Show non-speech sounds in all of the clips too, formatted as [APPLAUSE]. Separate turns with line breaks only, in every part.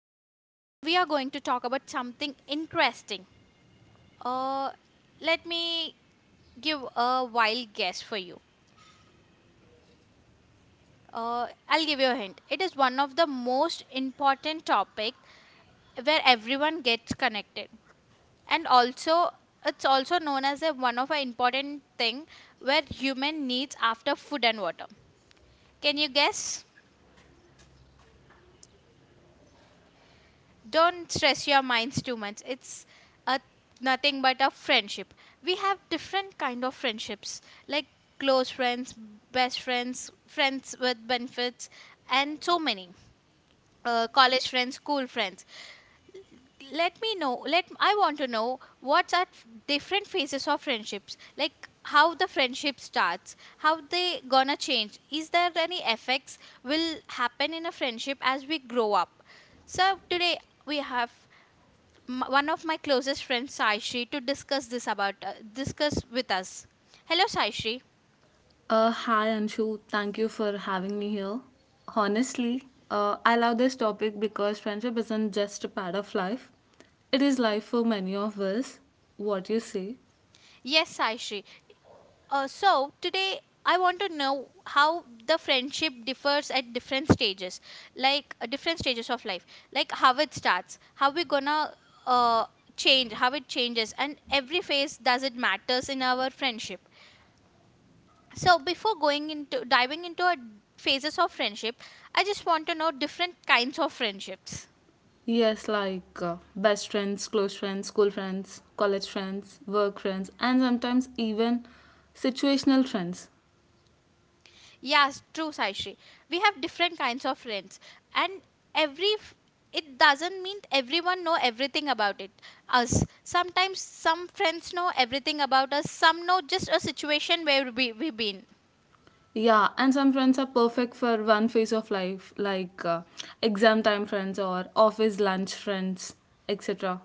Today we are going to talk about something interesting. Uh, Let me give a wild guess for you. I'll give you a hint. It is one of the most important topic where everyone gets connected, and also it's also known as a one of a important thing where human needs after food and water. Can you guess? Don't stress your minds too much, it's a nothing but a friendship. We have different kind of friendships, like close friends, best friends, friends with benefits, and so many college friends, school friends. Let me know let I want to know what are different phases of friendships, like how the friendship starts, how they gonna change, is there any effects will happen in a friendship as we grow up. So today we have one of my closest friends, Saishri, to discuss this about discuss with us. Hello, Saishri.
Hi Anshu, thank you for having me here. Honestly, I love this topic because friendship isn't just a part of life, it is life for many of us. What you say?
Yes, Saishri. So today I want to know how the friendship differs at different stages, like different stages of life, like how it starts, how we gonna uh, change, how it changes, and every phase does it matters in our friendship. So before going into diving into our phases of friendship, I just want to know different kinds of friendships.
Yes, like best friends, close friends, school friends, college friends, work friends, and sometimes even situational friends.
Yes, true, Saishri. We have different kinds of friends, and every f- it doesn't mean everyone know everything about it. Us sometimes some friends know everything about us. Some know just a situation where we been.
Yeah, and some friends are perfect for one phase of life, like exam time friends or office lunch friends, etc.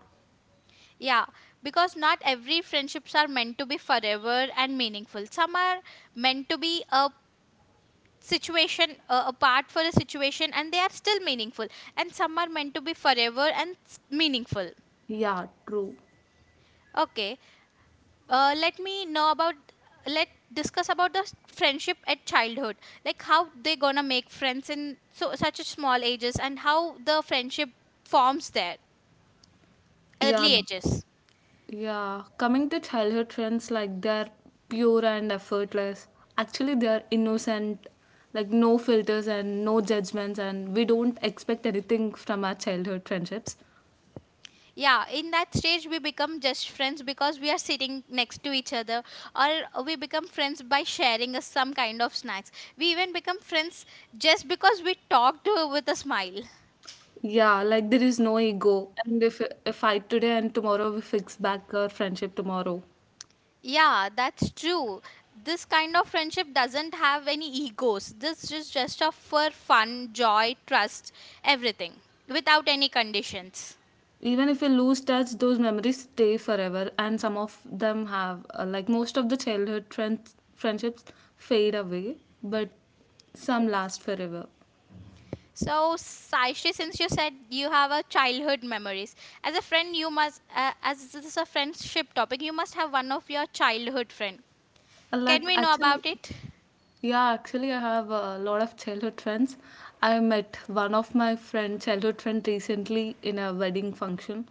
Yeah, because not every friendships are meant to be forever and meaningful. Some are meant to be a part for a situation, and they are still meaningful, and some are meant to be forever and meaningful.
Yeah, true.
Okay. Let me know about, let discuss about the friendship at childhood, like how they gonna make friends in so such a small ages, and how the friendship forms there.
Yeah,
Early ages.
Yeah, coming to childhood trends, like they're pure and effortless. Actually, they are innocent, like no filters and no judgments, and we don't expect anything from our childhood friendships.
Yeah, in that stage we become just friends because we are sitting next to each other, or we become friends by sharing us some kind of snacks. We even become friends just because we talked with a smile.
Yeah, like there is no ego, and if a fight today and tomorrow, we fix back our friendship tomorrow.
Yeah, that's true. This kind of friendship doesn't have any egos. This is just a for fun, joy, trust, everything without any conditions.
Even if we lose touch, those memories stay forever, and some of them have, like most of the childhood friendships fade away, but some last forever.
So, Saishri, since you said you have a childhood memories, as a friend, you must, as this is a friendship topic, you must have one of your childhood friend.
Uh,
Can
Like
we know
actually,
about it?
yeah, actually, I have a lot of childhood friends. I met one of my friend, childhood friend, recently in a wedding function,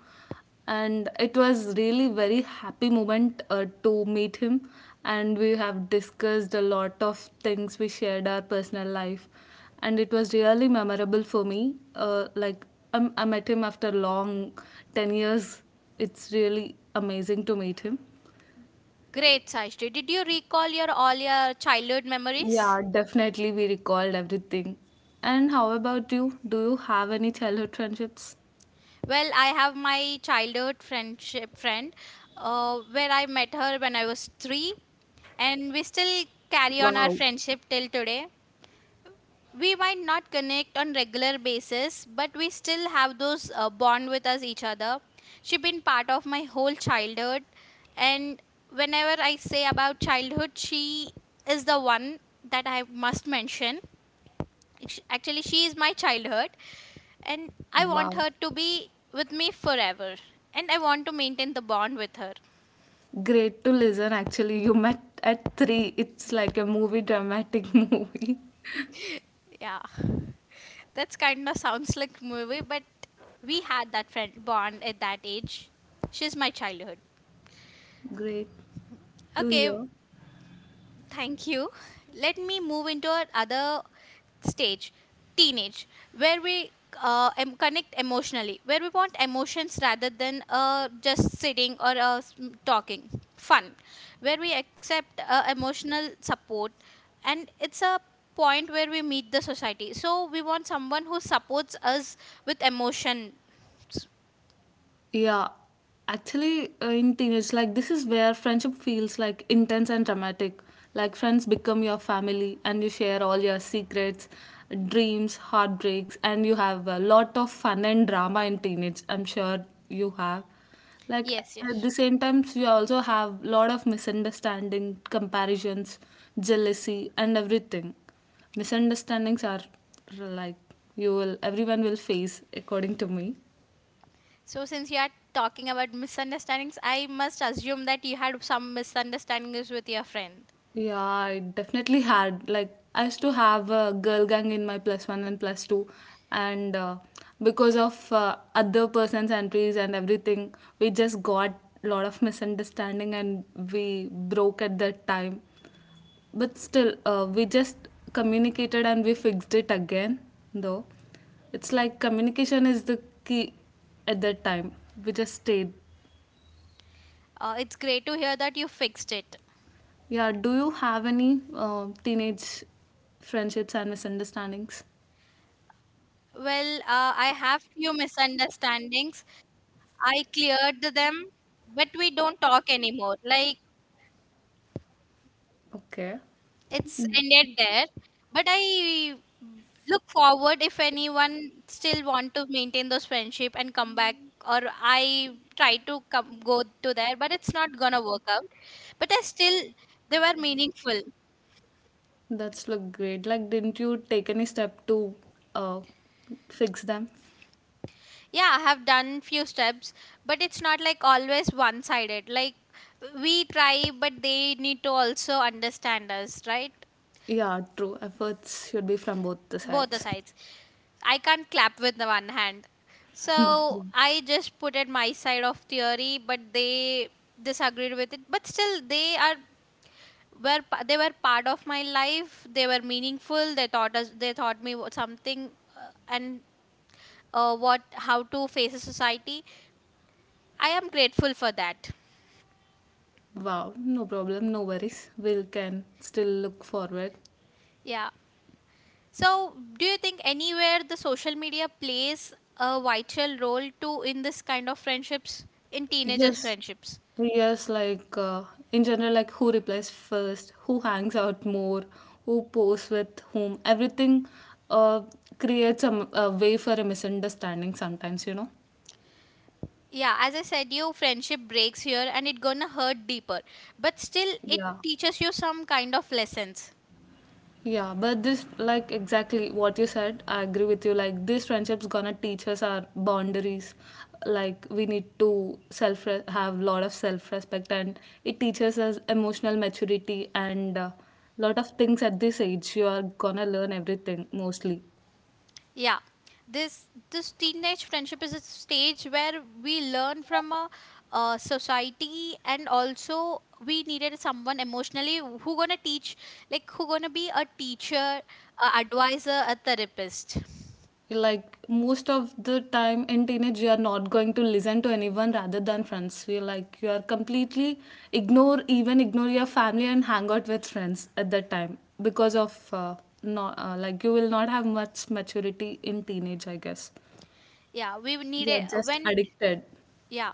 and it was really very happy moment to meet him. And we have discussed a lot of things. We shared our personal life, and it was really memorable for me. I met him after long 10 years. It's really amazing to meet him.
Great, Saishri. Did you recall your all your childhood memories?
Yeah, definitely we recalled everything. And how about you? Do you have any childhood friendships?
Well, I have my childhood friendship friend, where I met her when I was three, and we still carry on our
Wow,
friendship till today. We might not connect on regular basis, but we still have those bond with us each other. She been part of my whole childhood, and whenever I say about childhood, she is the one that I must mention. Actually, she is my childhood, and I want
wow.
her to be with me forever. And I want to maintain the bond with her.
Great to listen, actually. You met at three. It's like a movie, dramatic [LAUGHS] movie.
Yeah, that's kind of sounds like movie, but we had that friend bond at that age. She's my childhood.
Great to
Okay.
hear.
Thank you. Let me move into our other stage, teenage, where we connect emotionally, where we want emotions rather than just sitting or talking. Fun, where we accept emotional support, and it's a point where we meet the society. So we want someone who supports us with emotion.
Yeah, actually, in teenage, like this is where friendship feels like intense and dramatic. Like friends become your family, and you share all your secrets, dreams, heartbreaks, and you have a lot of fun and drama in teenage. I'm sure you have. Like
Yes,
at
yes.
the same time, you also have lot of misunderstanding, comparisons, jealousy, and everything. Misunderstandings are like you will everyone will face, according to me.
So, since you are talking about misunderstandings, I must assume that you had some misunderstandings with your friend.
Yeah, I definitely had. Like, I used to have a girl gang in my plus one and plus two, and because of other person's entries and everything, we just got a lot of misunderstanding and we broke at that time. But still, we just communicated and we fixed it again, though. It's like communication is the key at that time. We just stayed.
It's great to hear that you fixed it.
Yeah, do you have any teenage friendships and misunderstandings?
Well, I have few misunderstandings. I cleared them, but we don't talk anymore. Like.
Okay,
It's ended there, but I look forward if anyone still want to maintain those friendship and come back, or I try to come go to there, but it's not gonna work out. But I still, they were meaningful.
that's look great. Like, didn't you take any step to uh, fix them?
Yeah, I have done few steps, but it's not like always one sided. Like, we try, but they need to also understand us, right?
Yeah, true. Efforts should be from both the
Both the
sides.
sides. I can't clap with the one hand. So I just put at my side of theory, but they disagreed with it. But still, they were part of my life. They were meaningful. They taught us. They taught me something, and what how to face a society. I am grateful for that.
Wow, no problem, no worries. We can still look forward.
Yeah. So, do you think anywhere the social media plays a vital role too in this kind of friendships, in teenagers'
Yes,
friendships?
yes. Like in general, like who replies first, who hangs out more, who posts with whom. Everything uh, creates a way for a misunderstanding sometimes. You know.
Yeah, as I said you, friendship breaks here and it gonna hurt deeper, but still it
Yeah.
teaches you some kind of lessons.
Yeah, but this, like exactly what you said, I agree with you. Like, these friendships gonna teach us our boundaries. Like, we need to self have lot of self respect, and it teaches us emotional maturity and a lot of things at this age. You are gonna learn everything mostly.
Yeah, this teenage friendship is a stage where we learn from society, and also we needed someone emotionally who gonna teach, like who gonna be a teacher, a advisor, a therapist.
Like most of the time in teenage you are not going to listen to anyone rather than friends you like you are completely ignore even ignore your family and hang out with friends at that time because of not like you will not have much maturity in teenage I guess.
Yeah, we
You are
needed
just
when
addicted.
yeah,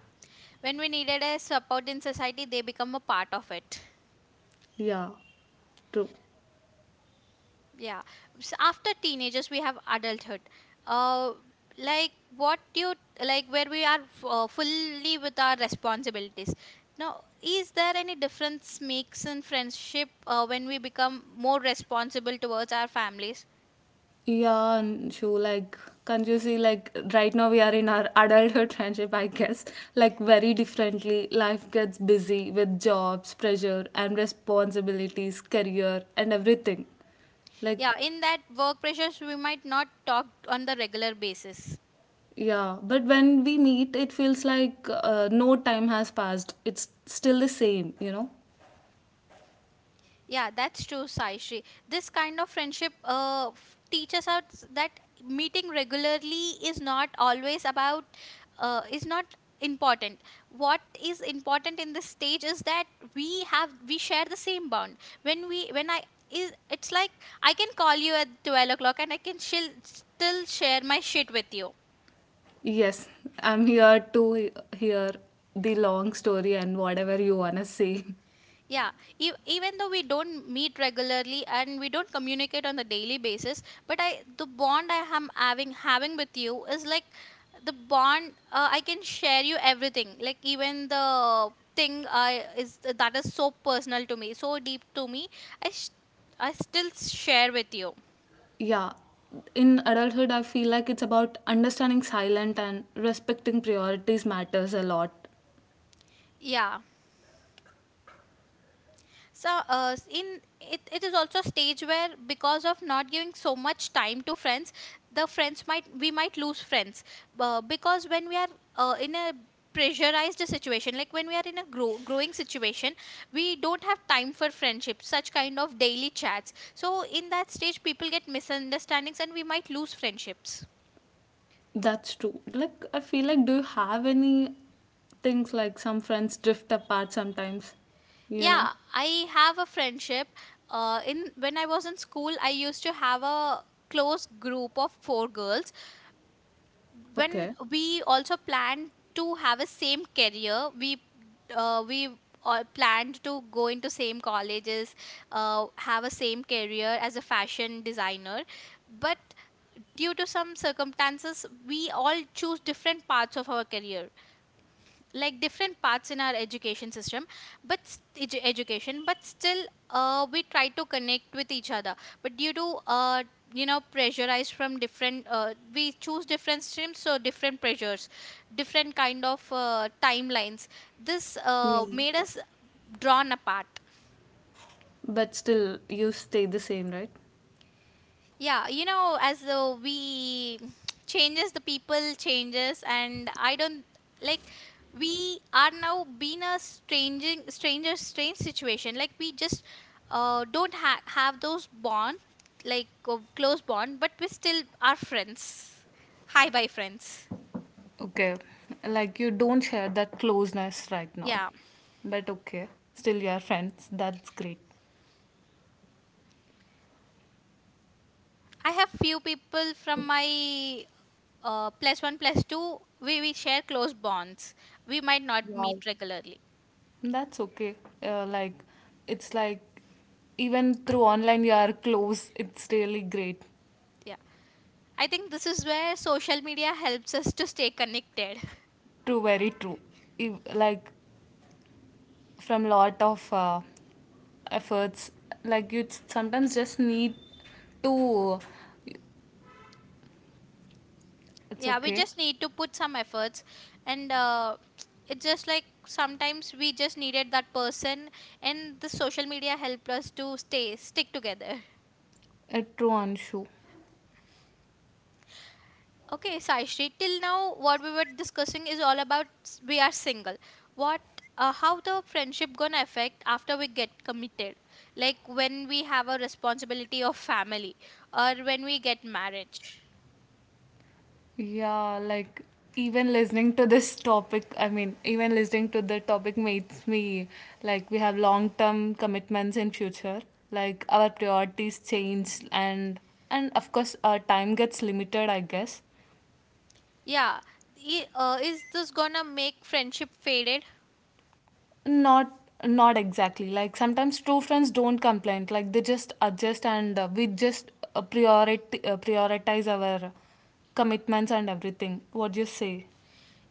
when we needed a support in society, they become a part of it.
Yeah, true.
Yeah. S After teenagers, we have adulthood. Uh, like what you Like, where we are fully with our responsibilities. Now, is there any difference makes in friendship when we become more responsible towards our families?
Yeah, and she like can't you see? Like right now we are in our adulthood friendship, I guess. Like very differently, life gets busy with jobs, pressure, and responsibilities, career, and everything. Like
Yeah, in that work pressures, we might not talk on the regular basis.
yeah, but when we meet, it feels like no time has passed. It's still the same, you know.
Yeah, that's true, Saishri. This kind of friendship teaches us that meeting regularly is not always is not important. What is important in this stage is that we share the same bond. When we when I is It's like I can call you at 12 o'clock and I can still share my shit with you.
Yes, I'm here to hear the long story and whatever you wanna say.
Yeah, even though we don't meet regularly and we don't communicate on a daily basis, but I the bond I am having with you is like the bond, I can share you everything, like even the thing I is that is so personal to me, so deep to me. I sh- I still share with you.
Yeah. In adulthood, I feel like it's about understanding silent and respecting priorities matters a lot.
Yeah. So, it is also stage where because of not giving so much time to friends, the friends might we might lose friends because when we are in a pressurized situation, like when we are in a growing situation, we don't have time for friendship, such kind of daily chats. So, in that stage, people get misunderstandings and we might lose friendships.
That's true. Like, I feel like, do you have any things like some friends drift apart sometimes? You
Yeah,
know?
I have a friendship. In When I was in school, I used to have a close group of 4 girls. When
Okay.
we also planned to have a same career, we all planned to go into same colleges, have a same career as a fashion designer, but due to some circumstances we all choose different parts of our career, like different parts in our education system, but education. But still we try to connect with each other, but due to pressurized from different, we choose different streams, so different pressures, different kind of timelines. This
Yeah.
made us drawn apart.
But still, you stay the same, right?
Yeah, you know, as though we [TSK] changes, the people changes, and I don't, like, we are now being a strange situation. Like, we just don't have those bond, like close bond, but we still are friends. Hi, bye, friends.
Okay, like you don't share that closeness right now,
Yeah,
but okay, still you are friends. That's great.
I have few people from my plus one, plus two. We share close bonds. We might not
Yeah.
meet regularly.
That's okay. Like, it's like even through online you are close. It's really great.
Yeah. I think this is where social media helps us to stay connected. [LAUGHS]
True, very true. Ev- Like from lot of efforts, like you sometimes just need to. It's
Yeah, we
okay.
just need to put some efforts, and it's just like sometimes we just needed that person, and the social media helped us to stay stick together.
True, Anshu.
Okay, Saishri, till now what we were discussing is all about we are single. What, how the friendship gonna affect after we get committed? Like when we have a responsibility of family, or when we get married.
Yeah, like even listening to this topic, I mean, even listening to the topic makes me like we have long term commitments in future. Like our priorities change and of course our time gets limited, I guess.
Yeah. Is this gonna make friendship faded?
Not Not exactly. Like sometimes true friends don't complain. Like they just adjust and we just priority prioritize our commitments and everything. What do you say?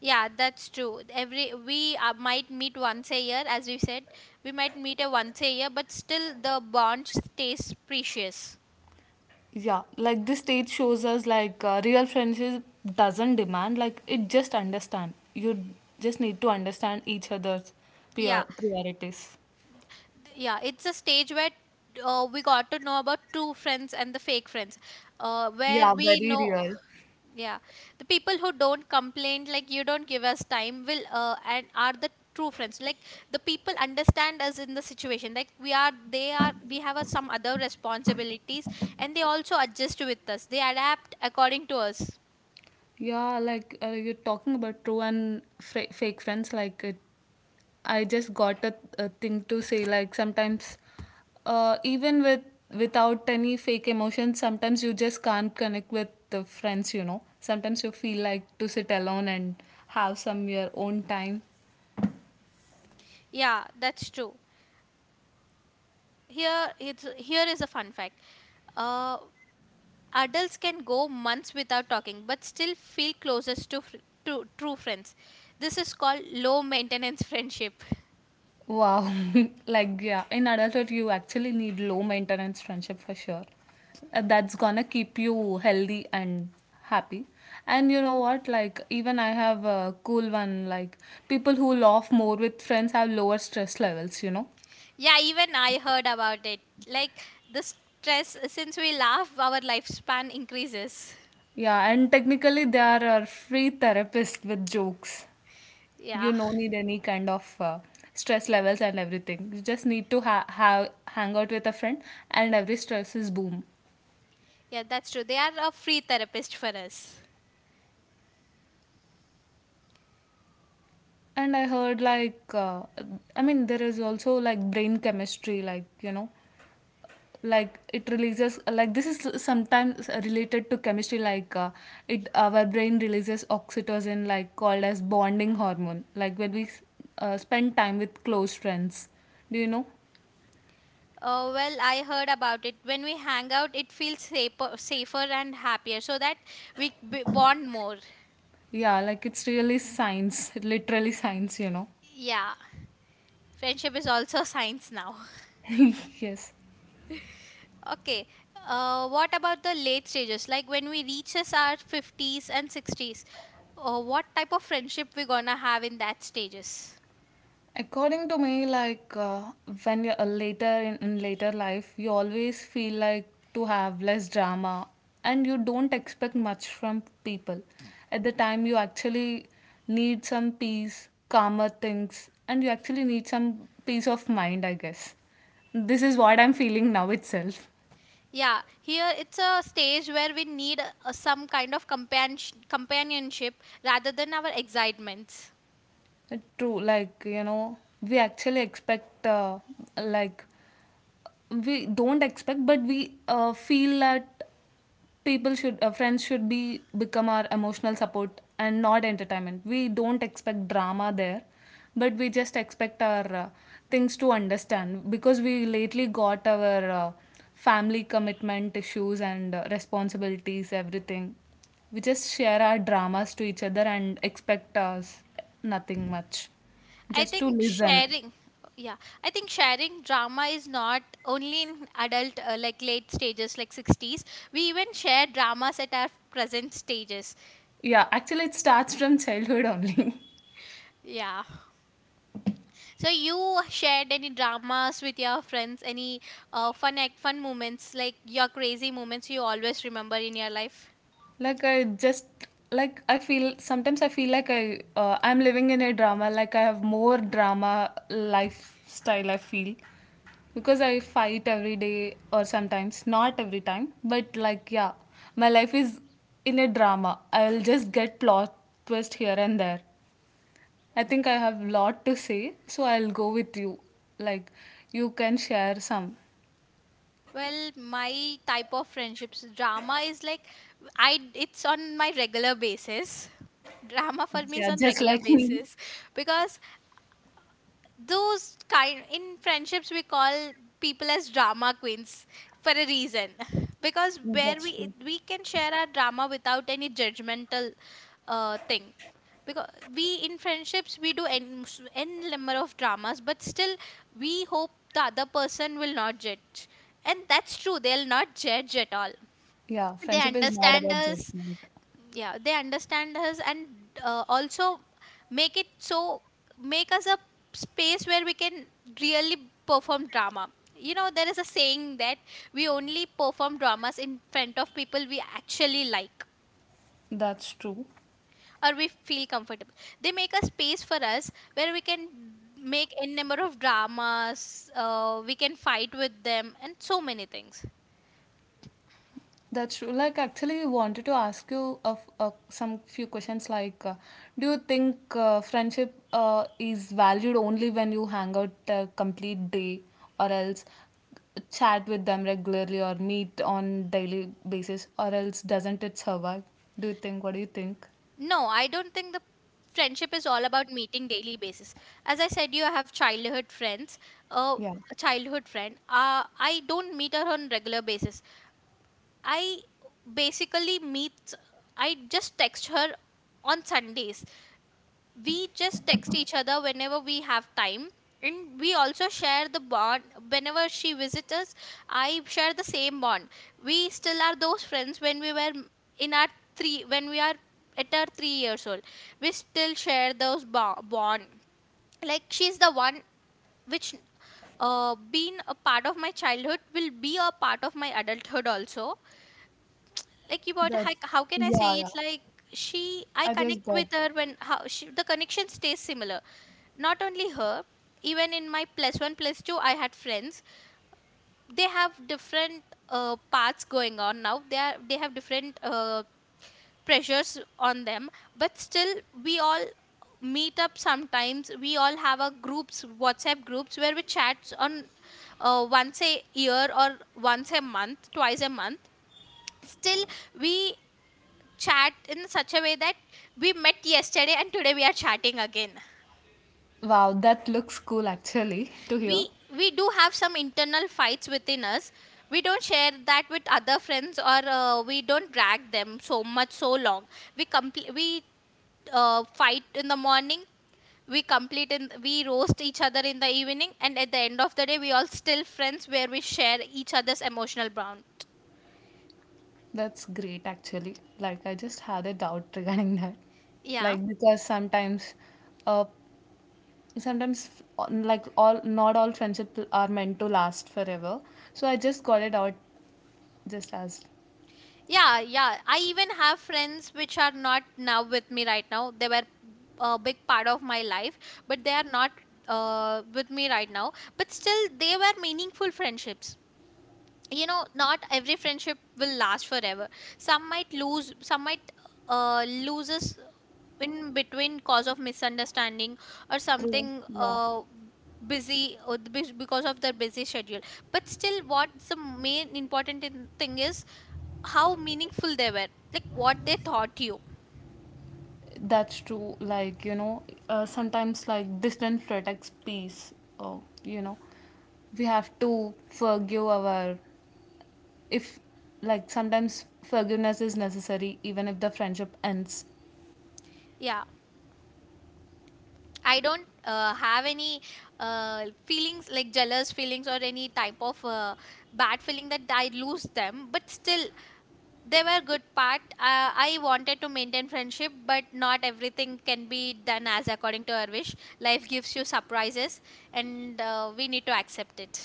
Yeah, that's true. Every we might meet once a year, as you said, we might meet a once a year, but still the bond stays precious.
Yeah, like this stage shows us like real friendship doesn't demand like it just understand you just need to understand each other's
Yeah,
priorities.
yeah, it's a stage where we got to know about true friends and the fake friends, where
Yeah,
we
very
know.
real.
Yeah, the people who don't complain, like you don't give us time will, and are the true friends, like the people understand us in the situation, like we are they are, some other responsibilities, and they also adjust with us, they adapt according to us.
Yeah, like you're talking about true and fake friends like it I just got a thing to say like sometimes even with without any fake emotions sometimes you just can't connect with the friends you know sometimes you feel like to sit alone and have some your own time.
Yeah, that's true. Here it's here is a fun fact. uh, Adults can go months without talking but still feel closest to, to true friends. This is called low maintenance [LAUGHS] friendship.
Wow. [LAUGHS] Like, yeah, in adulthood, you actually need low maintenance friendship for sure. That's gonna keep you healthy and happy. And you know what? Like, even I have a cool one. Like, people who laugh more with friends have lower stress levels, you know?
Yeah, even I heard about it. Like the stress, since we laugh, our lifespan increases.
Yeah, and technically, they are our free therapist with jokes. You
Yeah,
no need any kind of stress levels and everything. You just need to have hang out with a friend, and every stress is boom.
yeah, that's true. They are a free therapist for us.
And I heard like I mean there is also like brain chemistry like you know like it releases like this is sometimes related to chemistry like it our brain releases oxytocin like called as bonding hormone like when we spend time with close friends do you know.
Well, I heard about it. When we hang out, it feels safer, and happier so that we bond more.
Yeah, like it's really science literally science you know.
Yeah, friendship is also [LAUGHS] science now.
[LAUGHS] Yes.
Okay. What about the late stages? Like when we reaches our 50s and 60s, what type of friendship we gonna have in that stages?
According to me, like when you're in later life, you always feel like to have less drama and you don't expect much from people. At the time, you actually need some peace, calmer things, and you actually need some peace of mind, I guess. This is what I'm feeling now itself.
Yeah, here it's a stage where we need some kind of companionship rather than our excitements.
True, like, you know, we actually expect, like, we don't expect, but we feel that people should friends should be become our emotional support and not entertainment, we don't expect drama there, but we just expect our things to understand because we lately got our family commitment issues and responsibilities everything, we just share our dramas to each other and expect us nothing much,
I
just to
think
listen.
sharing, yeah, I think sharing drama is not only in adult, like late stages, like 60s. We even share dramas at our present stages.
Yeah, actually it starts from childhood only. [LAUGHS]
Yeah. So you shared any dramas with your friends? Any fun fun moments like your crazy moments you always remember in your life?
Like I feel sometimes I feel like I'm living in a drama, like I have more drama lifestyle I feel because I fight every day or sometimes not every time but like yeah my life is in a drama, I'll just get plot twist here and there. I think I have lot to say so I'll go with you. Like you can share some.
Well, my type of friendships, drama is like I it's on my regular basis. Drama for me is on regular basis because those kind in friendships we call people as drama queens for a reason. [LAUGHS] Because where we can share our drama without any judgmental thing. Because we in friendships we do n n number of dramas, but still we hope the other person will not judge, and that's true, they'll not judge at all.
Yeah,
They
friendship is not
understand
about
us.
judgment.
Yeah, they understand us, and also make it so make us a space where we can really perform drama. You know, there is a saying that we only perform dramas in front of people we actually like,
That's true.
or we feel comfortable. They make a space for us where we can make a number of dramas. We can fight with them and so many things.
That's true. Like, actually, we wanted to ask you of some few questions. Like, do you think friendship is valued only when you hang out a complete day, or else chat with them regularly, or meet on daily basis, or else doesn't it survive? Do you think? What do you think?
No, I don't think the friendship is all about meeting daily basis. As I said, you I have childhood friends. Uh,
Yeah,
a childhood friend. I don't meet her on regular basis. I basically meet. I just text her on Sundays. We just text each other whenever we have time, and we also share the bond whenever she visits us. I share the same bond. We still are those friends when we were in our three when we are at our 3 years old. We still share those bond. Like, she's the one which been a part of my childhood, will be a part of my adulthood also. Like, about
that's
how can I say
yeah, yeah.
it? Like, she I
I just
connect
got.
with her when how she, the connection stays similar. Not only her, even in my plus one plus two I had friends. They have different paths going on. Now they are they have different pressures on them, but still we all meet up sometimes. We all have our groups, WhatsApp groups, where we chat on once a year, or once a month, twice a month. Still, we chat in such a way that we met yesterday and today we are chatting again.
Wow, that looks cool actually [LAUGHS] to
we
hear.
we do have some internal fights within us. We don't share that with other friends, or we don't drag them so much so long. We complete we Uh, fight in the morning. We complete, and we roast each other in the evening, and at the end of the day we all still friends where we share each other's emotional bond.
That's great actually. Like I just had a doubt regarding that.
Yeah.
Like because sometimes uh sometimes like all not all friendship are meant to last forever. So I just got it out just as
Yeah, yeah. I even have friends which are not now with me right now. They were a big part of my life, but they are not with me right now. But still, they were meaningful friendships. You know, not every friendship will last forever. Some might lose, some might loses in between cause of misunderstanding, or
true.
something,
Yeah.
busy or the bus- because of their busy schedule. But still, what's the main important thing is how meaningful they were, like what they taught you.
That's true. Like, you know, sometimes like distance protects peace. Oh, you know, we have to forgive our if like sometimes forgiveness is necessary even if the friendship ends.
Yeah, I don't have any feelings like jealous feelings or any type of bad feeling that I lose them. But still, they were good part. I wanted to maintain friendship, but not everything can be done as according to our wish. Life gives you surprises, and we need to accept it.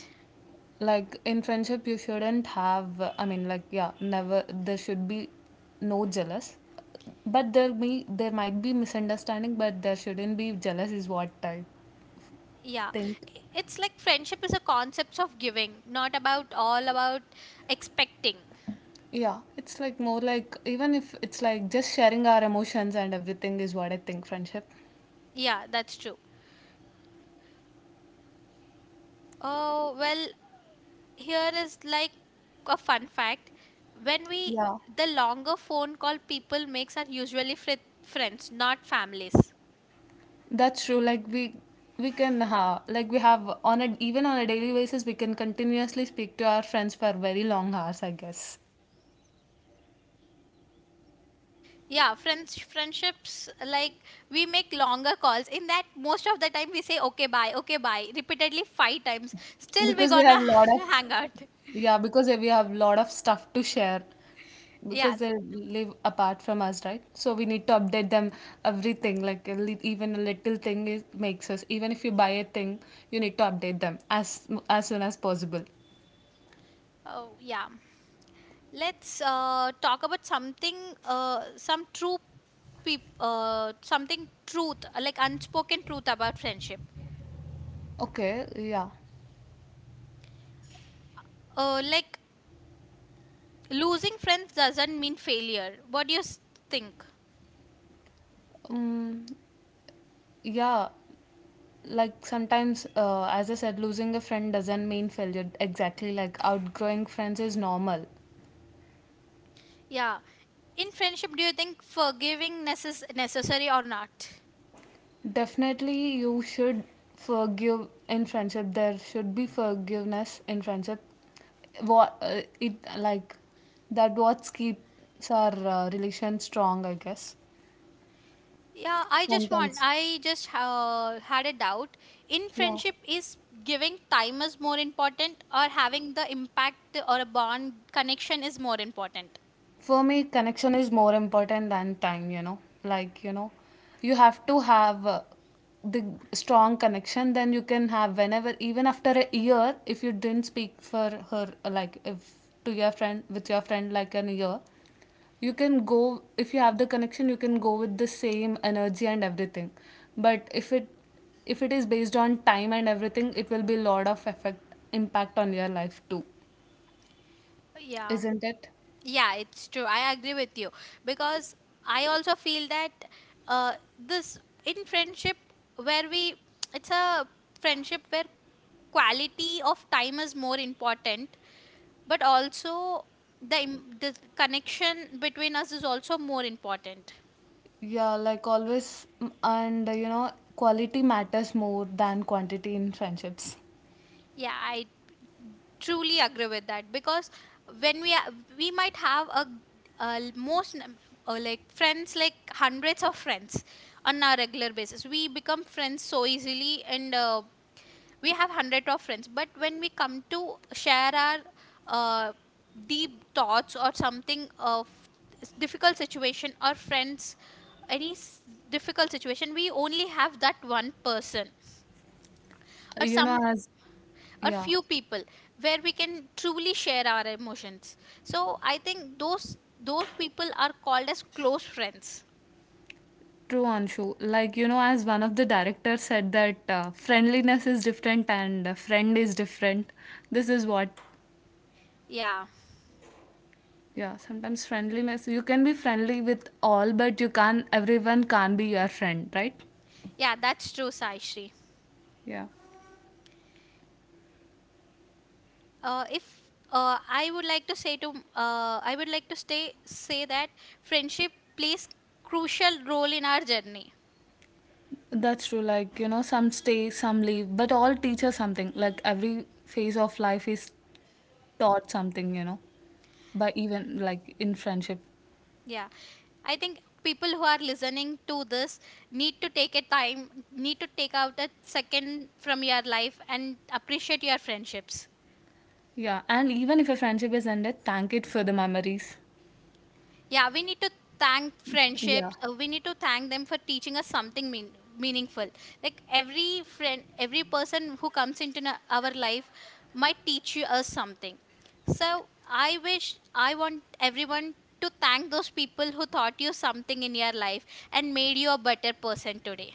Like in friendship you shouldn't have I mean like yeah never there should be no jealous, but there might be misunderstanding but there shouldn't be jealous is what I
Yeah,
think.
it's like friendship is a concept of giving, not about all about expecting.
Yeah, it's like more like even if it's like just sharing our emotions and everything is what I think friendship.
Yeah, that's true. Oh, well, here is like a fun fact. When we
Yeah,
The longer phone call people makes are usually friends, not families.
that's true like we can ha like we have on a even on a daily basis we can continuously speak to our friends for very long hours I guess
Yeah, friendships like we make longer calls. In that, most of the time we say okay bye, okay bye, repeatedly five times. Still, we
because we have
gonna
a lot of.
[LAUGHS] hang out.
Yeah, because we have a lot of stuff to share
Yeah.
because they live apart from us, right? So we need to update them everything. Like a even a little thing is, makes us. Even if you buy a thing, you need to update them as soon as possible.
Oh yeah. Let's talk about something, some true, something truth like unspoken truth about friendship.
Okay, yeah.
Like losing friends doesn't mean failure. What do you think?
Um, yeah, like sometimes, as I said, losing a friend doesn't mean failure. Exactly, like outgrowing friends is normal.
Yeah. In friendship, do you think forgiving necessary or not?
Definitely, you should forgive in friendship. There should be forgiveness in friendship. What it like that? What keeps our relation strong, I guess.
Yeah, I just want,
Sometimes,
I just had a doubt. In
yeah.
friendship, is giving time is more important, or having the impact or a bond connection is more important?
For me, connection is more important than time, you know. Like, you know, you have to have the strong connection, then you can have whenever, even after a year, if you didn't speak for her, like, if to your friend, with your friend, like an year, you can go, if you have the connection, you can go with the same energy and everything. But if it is based on time and everything, it will be a lot of effect, impact on your life too,
Yeah.
isn't it?
Yeah, it's true. I agree with you because I also feel that this in friendship where we it's a friendship where quality of time is more important, but also the connection between us is also more important.
Yeah, like always, and you know, quality matters more than quantity in friendships.
Yeah, I truly agree with that because when we are, we might have a like friends, like hundreds of friends on a regular basis. We become friends so easily, and we have hundred of friends. But when we come to share our uh, deep thoughts or something of difficult situation or friends, any difficult situation, we only have that one person, or
You know,
some,
as
or
Yeah,
few people where we can truly share our emotions. So I think those people are called as close friends.
True, Anshu. Like, you know, as one of the directors said, that friendliness is different and friend is different. This is what,
Yeah,
yeah, sometimes friendliness, you can be friendly with all, but you can't, everyone can't be your friend, right?
yeah, that's true, Saishri.
Yeah.
Uh, if I would like to say to I would like to stay say that friendship plays crucial role in our journey.
That's true. Like, you know, some stay, some leave, but all teach us something. Like, every phase of life is taught something, you know. But even like in friendship.
Yeah, I think people who are listening to this need to take out a second from your life and appreciate your friendships.
Yeah. And even if a friendship is ended, thank it for the memories.
Yeah, we need to thank
Yeah.
friendships. We need to thank them for teaching us something meaningful. Like, every friend, every person who comes into our life might teach you us something. So I wish, I want everyone to thank those people who taught you something in your life and made you a better person today.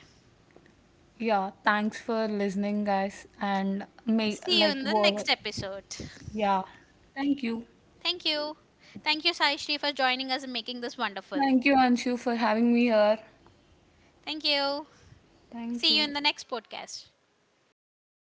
Yeah. Thanks for listening, guys. And may
See you
like
in the
what
next episode.
yeah. Thank you.
Thank you. Thank you, Sai Shri, for joining us and making this wonderful.
Thank you, Anshu, for having me here.
Thank you.
Thank
See you
you.
in the next podcast.
Bye.